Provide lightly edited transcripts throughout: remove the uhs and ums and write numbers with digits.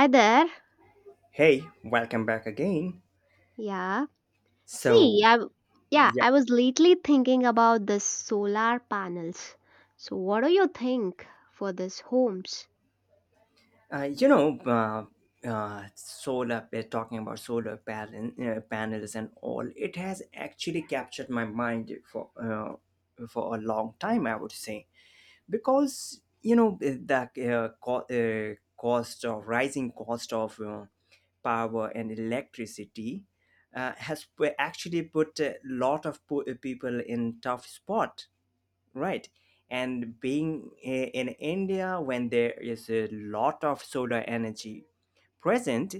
Hi there. Hey, welcome back again. Yeah. See, So, I w- yeah, yeah, I was lately thinking about the solar panels. So what do you think for these homes? Solar talking about panels and all, it has actually captured my mind for a long time, I would say, because the cost of rising cost of power and electricity actually put a lot of people in tough spot. Right? And being in India when there is a lot of solar energy present.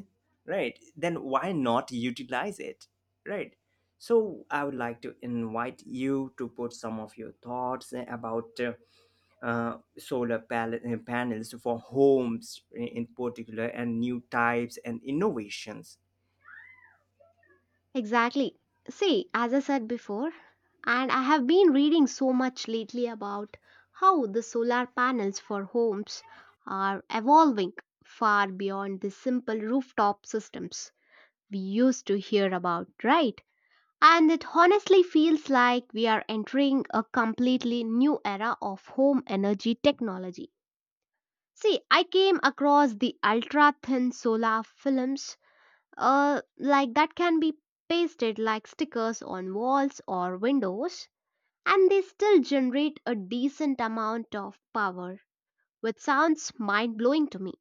Right? Then why not utilize it? Right? So I would like to invite you to put some of your thoughts about uh, solar pal- panels for homes in particular and new types and innovations. Exactly. See, as I said before, and I have been reading so much lately about how the solar panels for homes are evolving far beyond the simple rooftop systems we used to hear about, right? And it honestly feels like we are entering a completely new era of home energy technology. See, I came across the ultra thin solar films like that can be pasted like stickers on walls or windows, and they still generate a decent amount of power, which sounds mind blowing to me.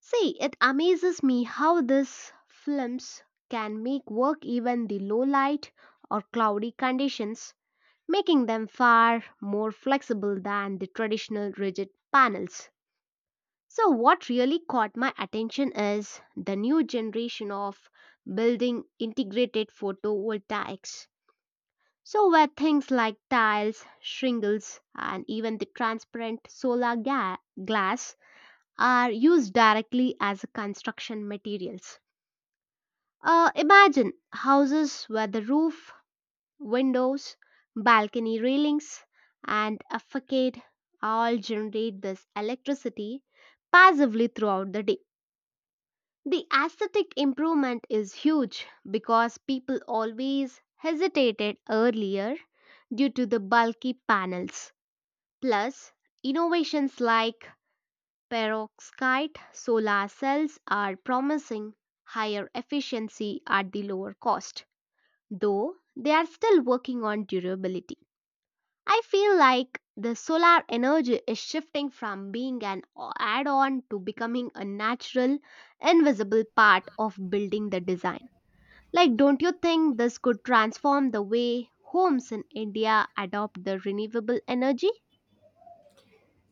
See, it amazes me how these films can make work even the low light or cloudy conditions making them far more flexible than the traditional rigid panels. So, what really caught my attention is the new generation of building integrated photovoltaics. So, where things like tiles, shingles, and even the glass are used directly as construction materials. Imagine houses where the roof, windows, balcony railings, and a facade all generate this electricity passively throughout the day. The aesthetic improvement is huge because people always hesitated earlier due to the bulky panels. Plus, innovations like perovskite solar cells are promising higher efficiency at the lower cost, though they are still working on durability. I feel like the solar energy is shifting from being an add on to becoming a natural, invisible part of building the design. Like, don't you think this could transform the way homes in India adopt the renewable energy?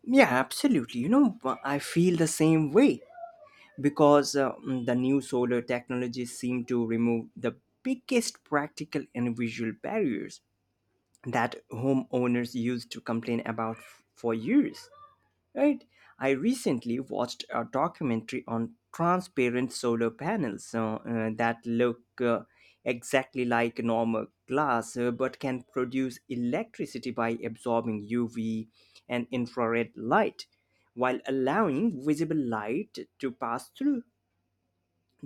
Yeah, absolutely. I feel the same way because the new solar technologies seem to remove the biggest practical and visual barriers that homeowners used to complain about for years. Right? I recently watched a documentary on transparent solar panels that look exactly like normal glass but can produce electricity by absorbing UV and infrared light while allowing visible light to pass through.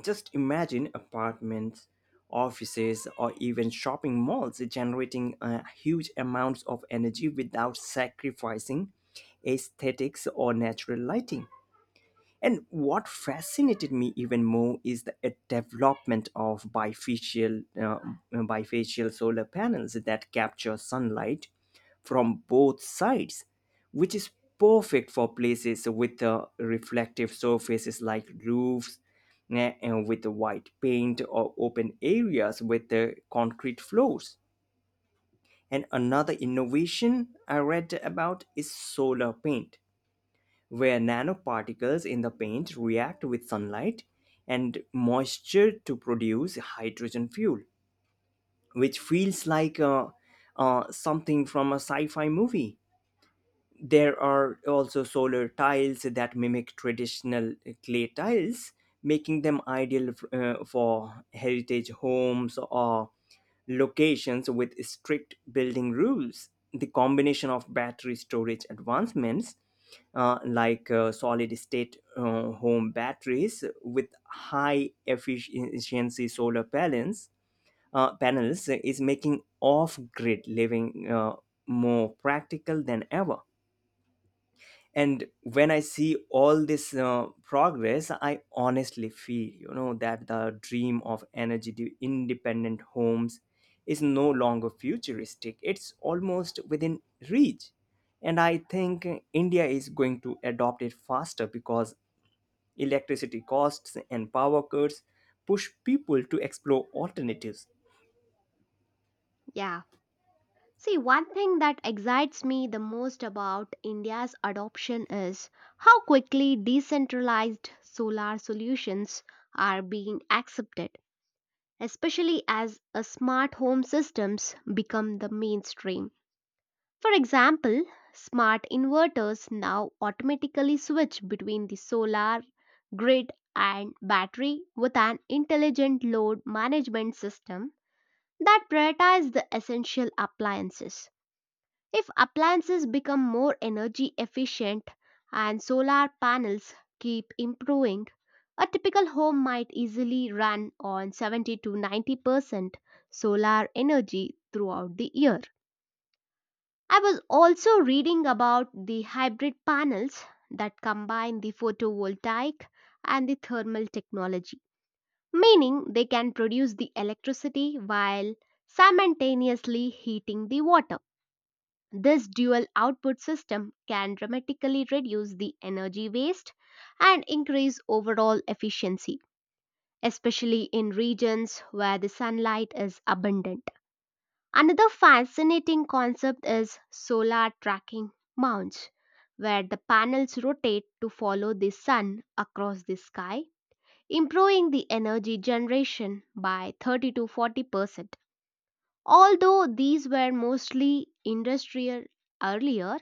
Just imagine apartments, offices, or even shopping malls generating huge amounts of energy without sacrificing aesthetics or natural lighting. And what fascinated me even more is the development of bifacial solar panels that capture sunlight from both sides, which is perfect for places with reflective surfaces like roofs and with white paint, or open areas with concrete floors. And another innovation I read about is solar paint, where nanoparticles in the paint react with sunlight and moisture to produce hydrogen fuel, which feels like something from a sci fi movie. There are also solar tiles that mimic traditional clay tiles, making them ideal for heritage homes or locations with strict building rules. The combination of battery storage advancements, like solid state home batteries with high efficiency solar panels, is making off grid living more practical than ever. And when I see all this progress, I honestly feel, you know, that the dream of energy independent homes is no longer futuristic. It's almost within reach. And I think India is going to adopt it faster because electricity costs and power cuts push people to explore alternatives. Yeah. See, one thing that excites me the most about India's adoption is how quickly decentralized solar solutions are being accepted, especially as a smart home systems become the mainstream. For example, smart inverters now automatically switch between the solar grid and battery with an intelligent load management system that prioritizes the essential appliances. If appliances become more energy efficient and solar panels keep improving, a typical home might easily run on 70 to 90% solar energy throughout the year. I was also reading about the hybrid panels that combine the photovoltaic and the thermal technology, meaning they can produce the electricity while simultaneously heating the water. This dual output system can dramatically reduce the energy waste and increase overall efficiency, especially in regions where the sunlight is abundant. Another fascinating concept is solar tracking mounts, where the panels rotate to follow the sun across the sky, improving the energy generation by 30 to 40%. Although these were mostly industrial earlier,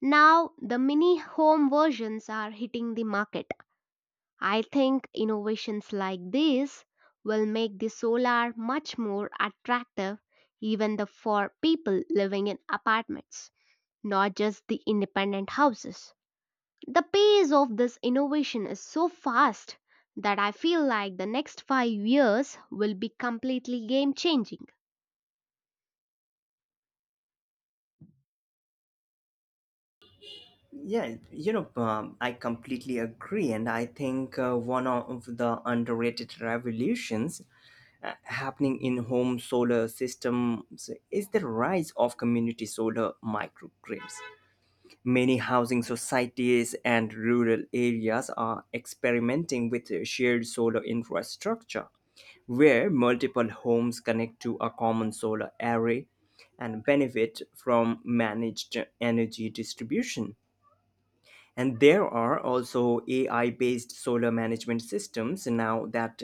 now, the mini home versions are hitting the market. I think innovations like these will make the solar much more attractive even for people living in apartments, not just the independent houses. The pace of this innovation is so fast that I feel like the next 5 years will be completely game changing. Yeah, I completely agree. And I think one of the underrated revolutions happening in home solar systems is the rise of community solar microgrids. Many housing societies and rural areas are experimenting with shared solar infrastructure where multiple homes connect to a common solar array and benefit from managed energy distribution. And there are also AI based solar management systems now that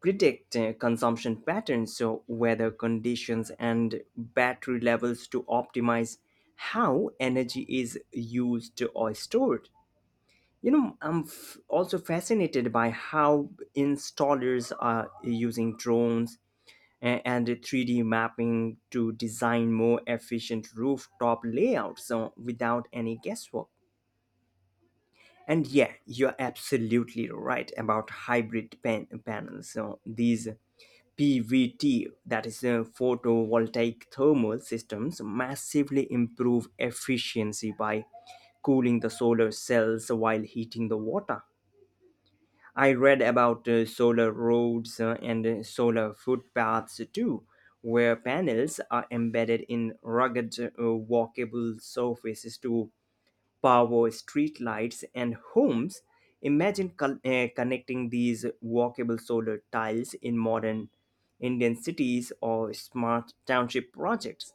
predict consumption patterns, so weather conditions, and battery levels to optimize how energy is used or stored. You know, I'm also fascinated by how installers are using drones and 3D mapping to design more efficient rooftop layouts so without any guesswork. And yeah, you're absolutely right about panels. So these PVT, that is photovoltaic thermal systems, massively improve efficiency by cooling the solar cells while heating the water. I read about solar roads and solar footpaths too, where panels are embedded in rugged, walkable surfaces to power streetlights and homes. Imagine connecting these walkable solar tiles in modern Indian cities or smart township projects.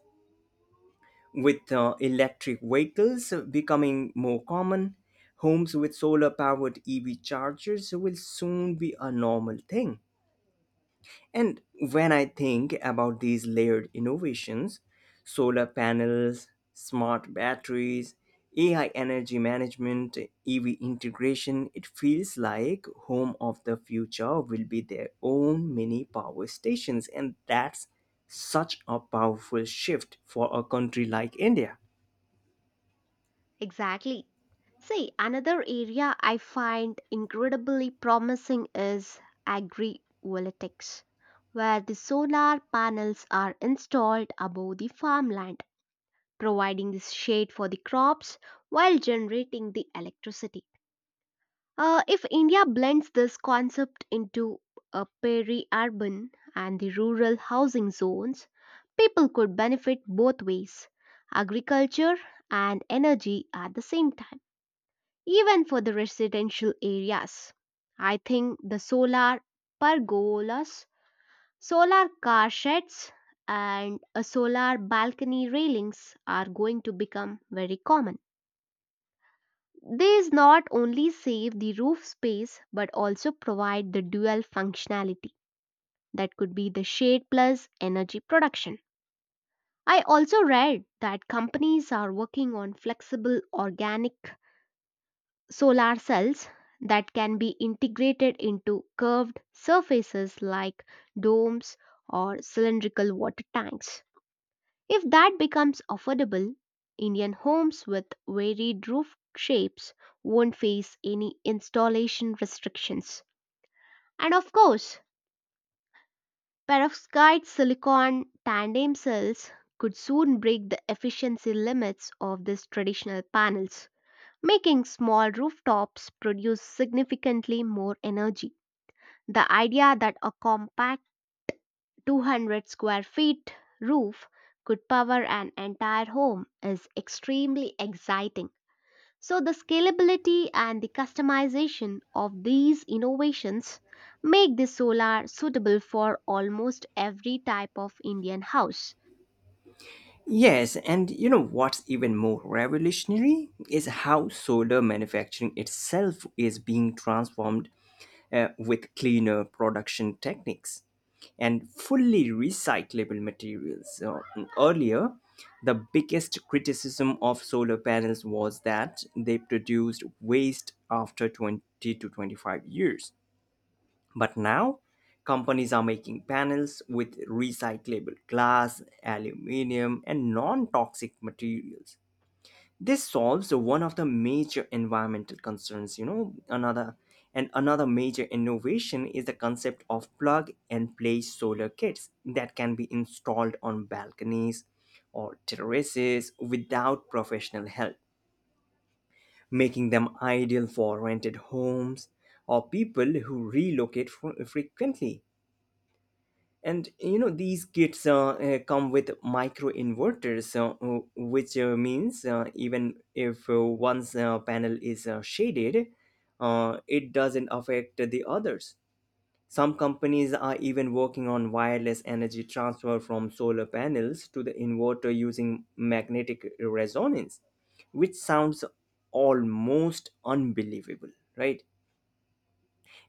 With electric vehicles becoming more common, homes with solar powered EV chargers will soon be a normal thing. And when I think about these layered innovations, solar panels, smart batteries, AI energy management, EV integration, it feels like home of the future will be their own mini power stations, and that's such a powerful shift for a country like India. Exactly. See, another area I find incredibly promising is agrivoltaics, where the solar panels are installed above the farmland, providing the shade for the crops while generating the electricity. If India blends this concept into a peri-urban and the rural housing zones, people could benefit both ways, agriculture and energy at the same time even for the residential areas. I think the solar pergolas, solar car sheds, and a solar balcony railings are going to become very common. These not only save the roof space but also provide the dual functionality that could be the shade plus energy production. I also read that companies are working on flexible organic solar cells that can be integrated into curved surfaces like domes or cylindrical water tanks. If that becomes affordable, Indian homes with varied roof shapes won't face any installation restrictions. And of course, perovskite silicon tandem cells could soon break the efficiency limits of these traditional panels, making small rooftops produce significantly more energy. The idea that a compact 200 square feet roof could power an entire home is extremely exciting. So, the scalability and the customization of these innovations make the solar suitable for almost every type of Indian house. Yes, and you know what's even more revolutionary is how solar manufacturing itself is being transformed with cleaner production techniques and fully recyclable materials. So earlier, the biggest criticism of solar panels was that they produced waste after 20 to 25 years. But now, companies are making panels with recyclable glass, aluminium, and non toxic materials. This solves one of the major environmental concerns, another, and another major innovation is the concept of plug and play solar kits that can be installed on balconies or terraces without professional help, making them ideal for rented homes or people who relocate frequently. And you know, these kits come with micro inverters, which means even if one's panel is shaded, it doesn't affect the others. Some companies are even working on wireless energy transfer from solar panels to the inverter using magnetic resonance, which sounds almost unbelievable, right?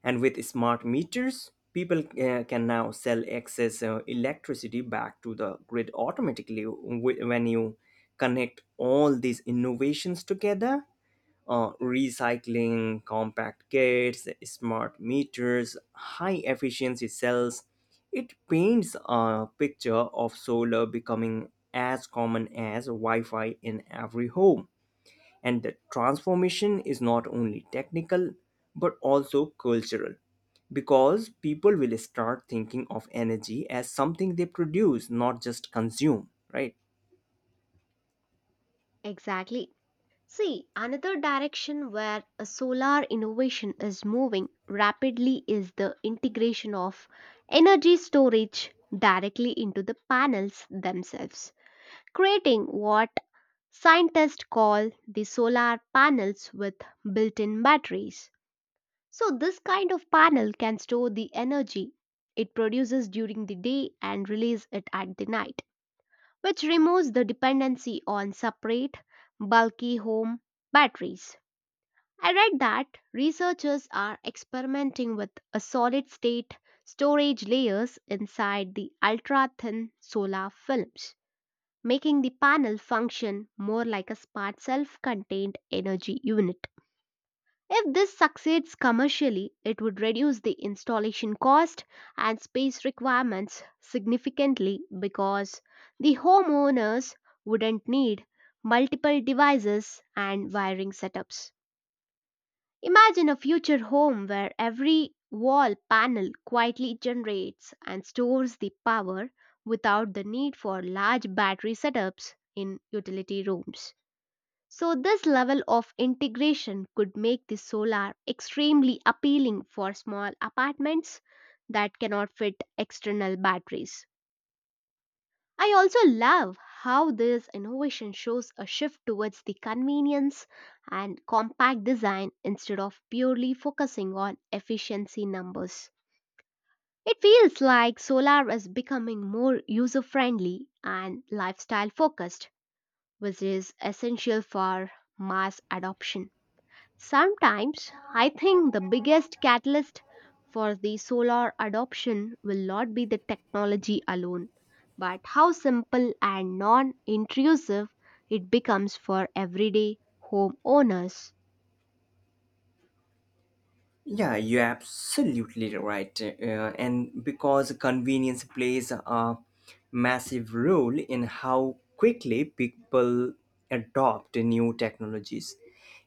And with smart meters, people can now sell excess electricity back to the grid automatically when you connect all these innovations together. Recycling, compact kits, smart meters, high efficiency cells. It paints a picture of solar becoming as common as Wi Fi in every home, and that transformation is not only technical but also cultural because people will start thinking of energy as something they produce, not just consume. Right? Exactly. See, another direction where a solar innovation is moving rapidly is the integration of energy storage directly into the panels themselves, creating what scientists call the solar panels with built in batteries. So, this kind of panel can store the energy it produces during the day and release it at the night, which removes the dependency on separate, bulky home batteries. I read that researchers are experimenting with a solid state storage layers inside the ultra thin solar films, making the panel function more like a smart self contained energy unit. If this succeeds commercially, it would reduce the installation cost and space requirements significantly because the homeowners wouldn't need multiple devices and wiring setups. Imagine a future home where every wall panel quietly generates and stores the power without the need for large battery setups in utility rooms. So, this level of integration could make the solar extremely appealing for small apartments that cannot fit external batteries. I also love how this innovation shows a shift towards the convenience and compact design instead of purely focusing on efficiency numbers. It feels like solar is becoming more user friendly and lifestyle focused, which is essential for mass adoption. Sometimes I think the biggest catalyst for the solar adoption will not be the technology alone, but how simple and non intrusive it becomes for everyday homeowners. Yeah, you're absolutely right. And because convenience plays a massive role in how quickly people adopt new technologies,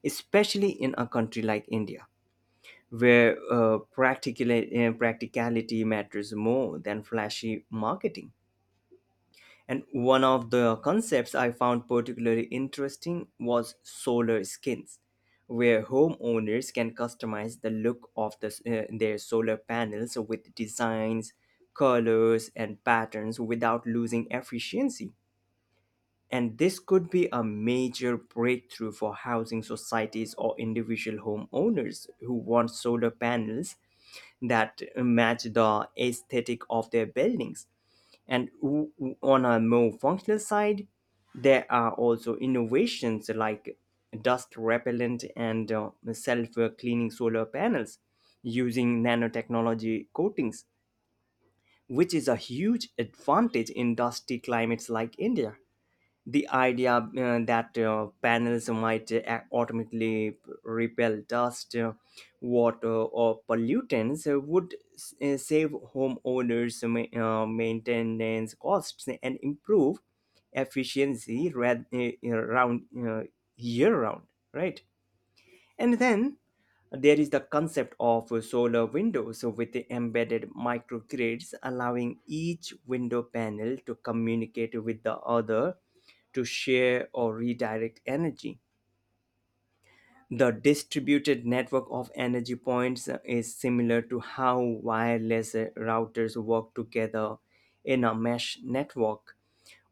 especially in a country like India where practicality matters more than flashy marketing. And one of the concepts I found particularly interesting was solar skins, where homeowners can customize the look of their solar panels with designs, colors, and patterns without losing efficiency. And this could be a major breakthrough for housing societies or individual homeowners who want solar panels that match the aesthetic of their buildings. And on a more functional side, there are also innovations like dust repellent and self cleaning solar panels using nanotechnology coatings, which is a huge advantage in dusty climates like India. The idea that panels might automatically repel dust, water, or pollutants would save homeowners maintenance costs and improve efficiency around year round, right? And then there is the concept of solar windows with the embedded microgrids allowing each window panel to communicate with the other to share or redirect energy. The distributed network of energy points is similar to how wireless routers work together in a mesh network.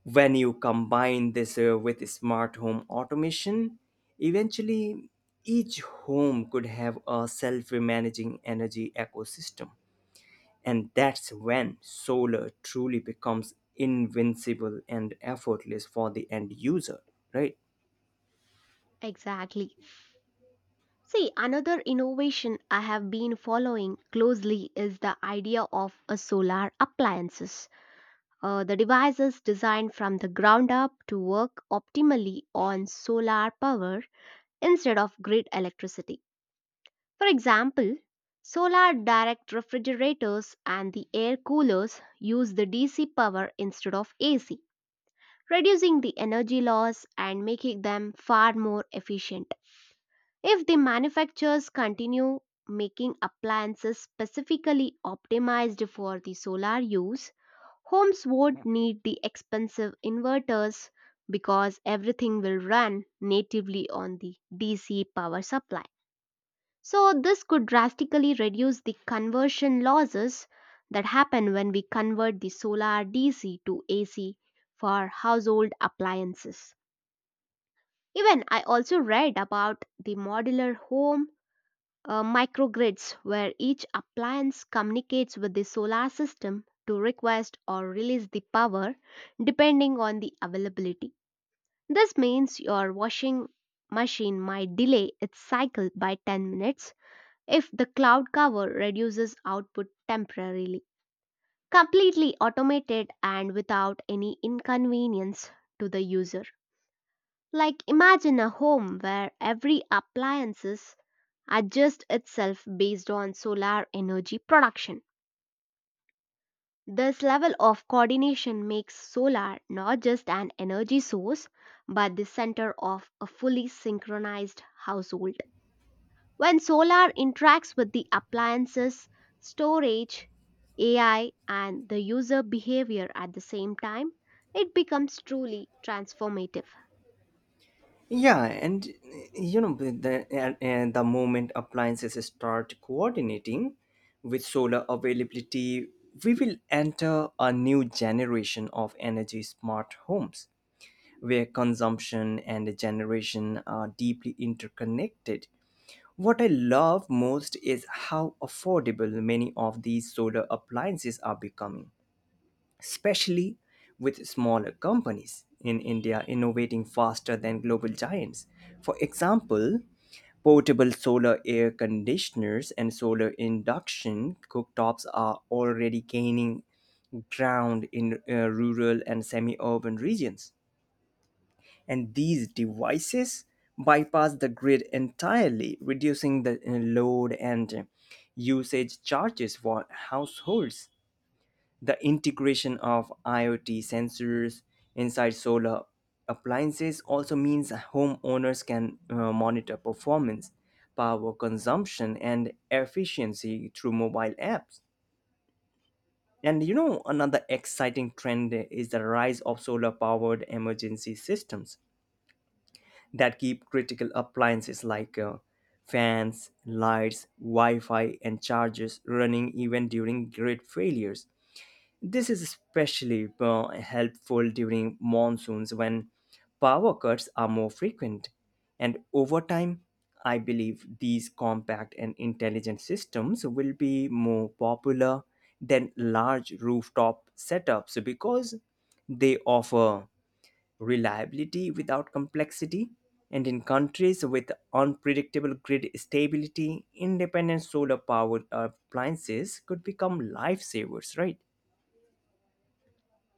When you combine this with smart home automation, eventually each home could have a self managing energy ecosystem. And that's when solar truly becomes invincible and effortless for the end user, right? Exactly. See, another innovation I have been following closely is the idea of a solar appliances. The devices designed from the ground up to work optimally on solar power instead of grid electricity. For example, solar direct refrigerators and the air coolers use the DC power instead of AC, reducing the energy loss and making them far more efficient. If the manufacturers continue making appliances specifically optimized for the solar use, homes won't need the expensive inverters because everything will run natively on the DC power supply. So, this could drastically reduce the conversion losses that happen when we convert the solar DC to AC for household appliances. Even I also read about the modular home microgrids where each appliance communicates with the solar system to request or release the power depending on the availability. This means your washing machine might delay its cycle by 10 minutes if the cloud cover reduces output temporarily. Completely automated and without any inconvenience to the user. Like imagine a home where every appliances adjust itself based on solar energy production. This level of coordination makes solar not just an energy source but the center of a fully synchronized household. When solar interacts with the appliances, storage, AI, and the user behavior at the same time, it becomes truly transformative. Yeah, and you know, with the and the moment appliances start coordinating with solar availability, we will enter a new generation of energy smart homes where consumption and generation are deeply interconnected. What I love most is how affordable many of these solar appliances are becoming, especially with smaller companies in India innovating faster than global giants. For example, portable solar air conditioners and solar induction cooktops are already gaining ground in rural and semi urban regions. And these devices bypass the grid entirely, reducing the load and usage charges for households. The integration of IoT sensors inside solar appliances also means homeowners can monitor performance, power consumption, and efficiency through mobile apps. And you know, another exciting trend is the rise of solar powered emergency systems that keep critical appliances like fans, lights, Wi Fi, and chargers running even during grid failures. This is especially helpful during monsoons when power cuts are more frequent. And over time, I believe these compact and intelligent systems will be more popular than large rooftop setups because they offer reliability without complexity. And in countries with unpredictable grid stability, independent solar powered appliances could become lifesavers, right?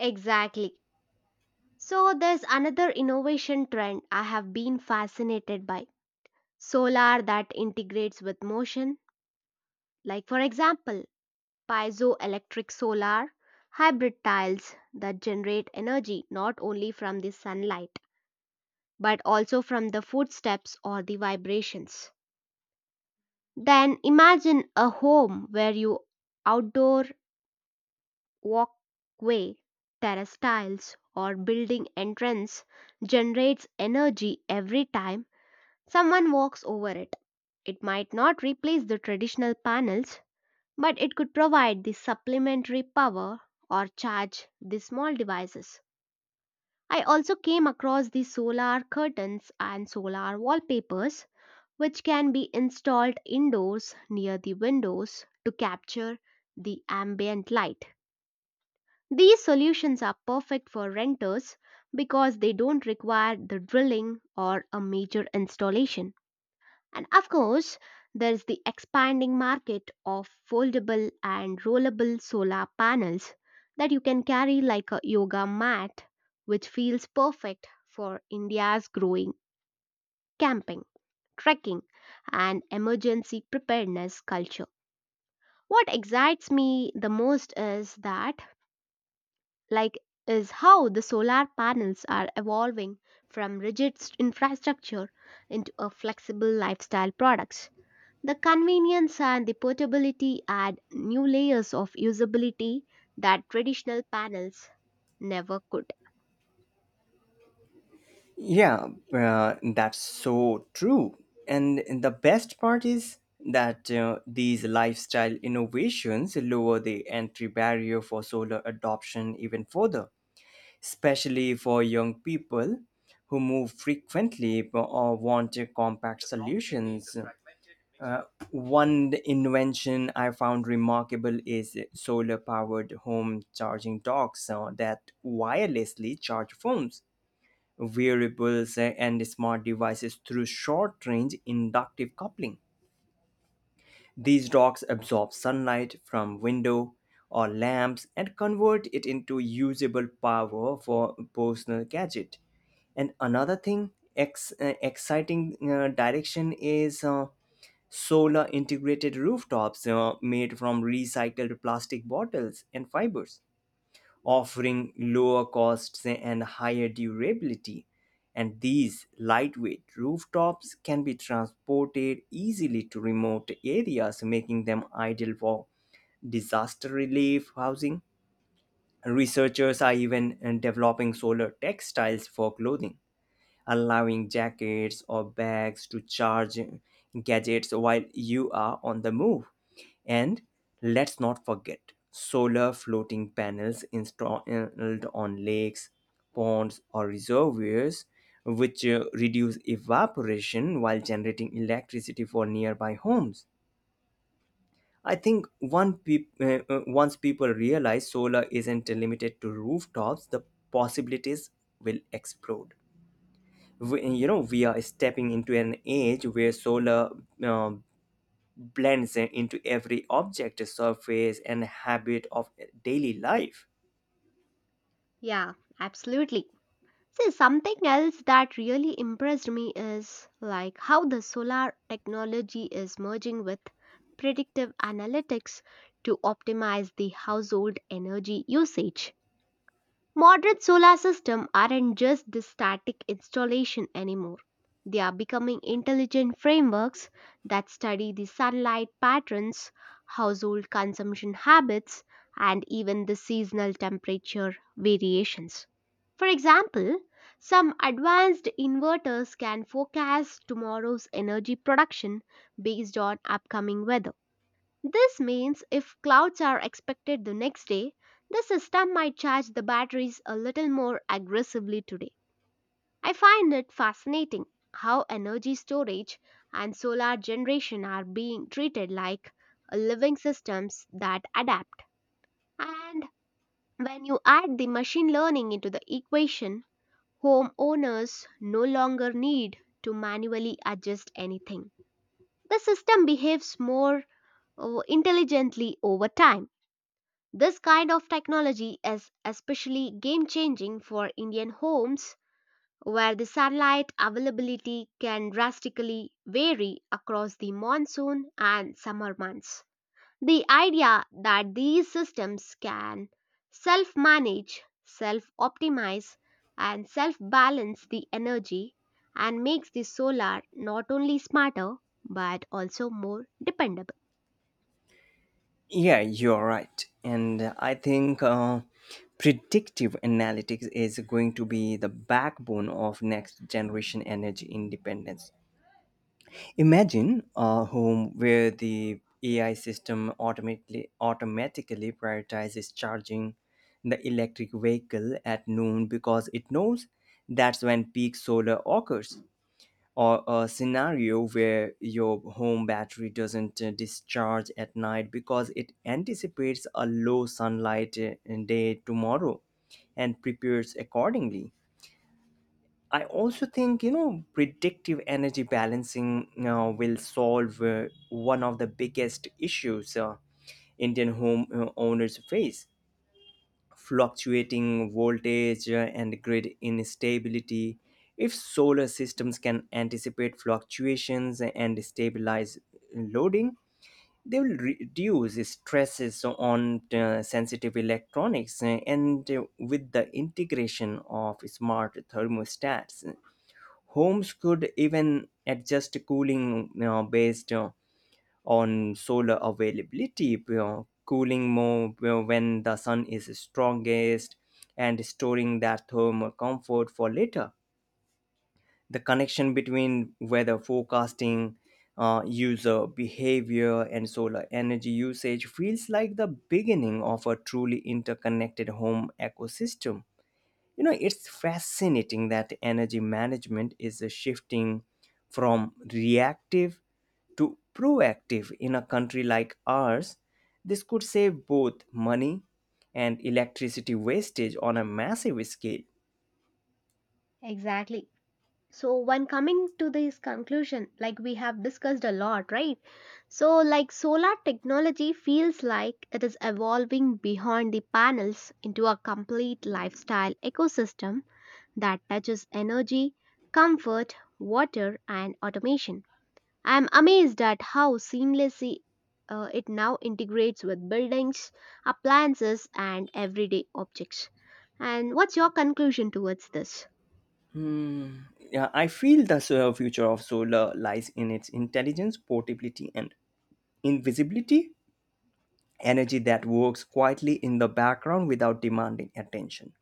Exactly. So, there's another innovation trend I have been fascinated by solar that integrates with motion, like, for example, piezoelectric solar, hybrid tiles that generate energy not only from the sunlight but also from the footsteps or the vibrations. Then imagine a home where you outdoor walkway, terrace tiles, or building entrance generates energy every time someone walks over it. It might not replace the traditional panels, but it could provide the supplementary power or charge the small devices. I also came across the solar curtains and solar wallpapers, which can be installed indoors near the windows to capture the ambient light. These solutions are perfect for renters because they don't require the drilling or a major installation. And of course, there's the expanding market of foldable and rollable solar panels that you can carry like a yoga mat, which feels perfect for India's growing camping, trekking, and emergency preparedness culture. What excites me the most is like, is how the solar panels are evolving from infrastructure into a flexible lifestyle products. The convenience and the portability add new layers of usability that traditional panels never could. Yeah, that's so true. And the best part is that these lifestyle innovations lower the entry barrier for solar adoption even further, especially for young people who move frequently or want compact solutions. Uh, One invention I found remarkable is solar powered home charging docks that wirelessly charge phones, wearables, and smart devices through short range inductive coupling. These docks absorb sunlight from window or lamps and convert it into usable power for personal gadget. And another thing, exciting direction is solar integrated rooftops made from recycled plastic bottles and fibers, offering lower costs and higher durability. And these lightweight rooftops can be transported easily to remote areas, making them ideal for disaster relief housing. Researchers are even developing solar textiles for clothing, allowing jackets or bags to charge gadgets while you are on the move. And let's not forget solar floating panels installed on lakes, ponds, or reservoirs, which reduce evaporation while generating electricity for nearby homes. I think once people realize solar isn't limited to rooftops, the possibilities will explode. You know, we are stepping into an age where solar uh, blends into every object, surface, and habit of daily life. Yeah, absolutely. See, something else that really impressed me is like how the solar technology is merging with predictive analytics to optimize the household energy usage. Modern solar systems aren't just the static installation anymore. They are becoming intelligent frameworks that study the sunlight patterns, household consumption habits, and even the seasonal temperature variations. For example, some advanced inverters can forecast tomorrow's energy production based on upcoming weather. This means if clouds are expected the next day, the system might charge the batteries a little more aggressively today. I find it fascinating how energy storage and solar generation are being treated like living systems that adapt. And when you add the machine learning into the equation, homeowners no longer need to manually adjust anything. The system behaves more intelligently over time. This kind of technology is especially game changing for Indian homes where the sunlight availability can drastically vary across the monsoon and summer months. The idea that these systems can self manage, self optimize, and self balance the energy and makes the solar not only smarter but also more dependable. Yeah, you're right. And I think predictive analytics is going to be the backbone of next generation energy independence. Imagine a home where the AI system automatically prioritizes charging the electric vehicle at noon because it knows that's when peak solar occurs. Or a scenario where your home battery doesn't discharge at night because it anticipates a low sunlight day tomorrow and prepares accordingly. I also think, you know, predictive energy balancing, you know, will solve one of the biggest issues Indian home owners face: fluctuating voltage and grid instability. If solar systems can anticipate fluctuations and stabilize loading, they will reduce stresses on sensitive electronics, and with the integration of smart thermostats, homes could even adjust cooling, you know, based on solar availability, you know, cooling more, you know, when the sun is strongest and storing that thermal comfort for later. The connection between weather forecasting, user behavior, and solar energy usage feels like the beginning of a truly interconnected home ecosystem. You know, it's fascinating that energy management is shifting from reactive to proactive. In a country like ours, this could save both money and electricity wastage on a massive scale. Exactly. So when coming to this conclusion, like we have discussed a lot, right? So like solar technology feels like it is evolving behind the panels into a complete lifestyle ecosystem that touches energy, comfort, water, and automation. I'm amazed at how seamlessly it now integrates with buildings, appliances, and everyday objects. And what's your conclusion towards this? Hmm. Yeah, I feel the future of solar lies in its intelligence, portability, and invisibility. Energy that works quietly in the background without demanding attention.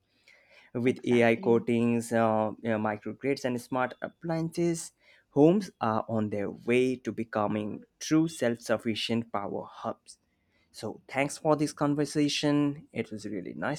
With AI Exactly. coatings, you know, microgrids, and smart appliances, homes are on their way to becoming true self sufficient power hubs. So, thanks for this conversation. It was really nice.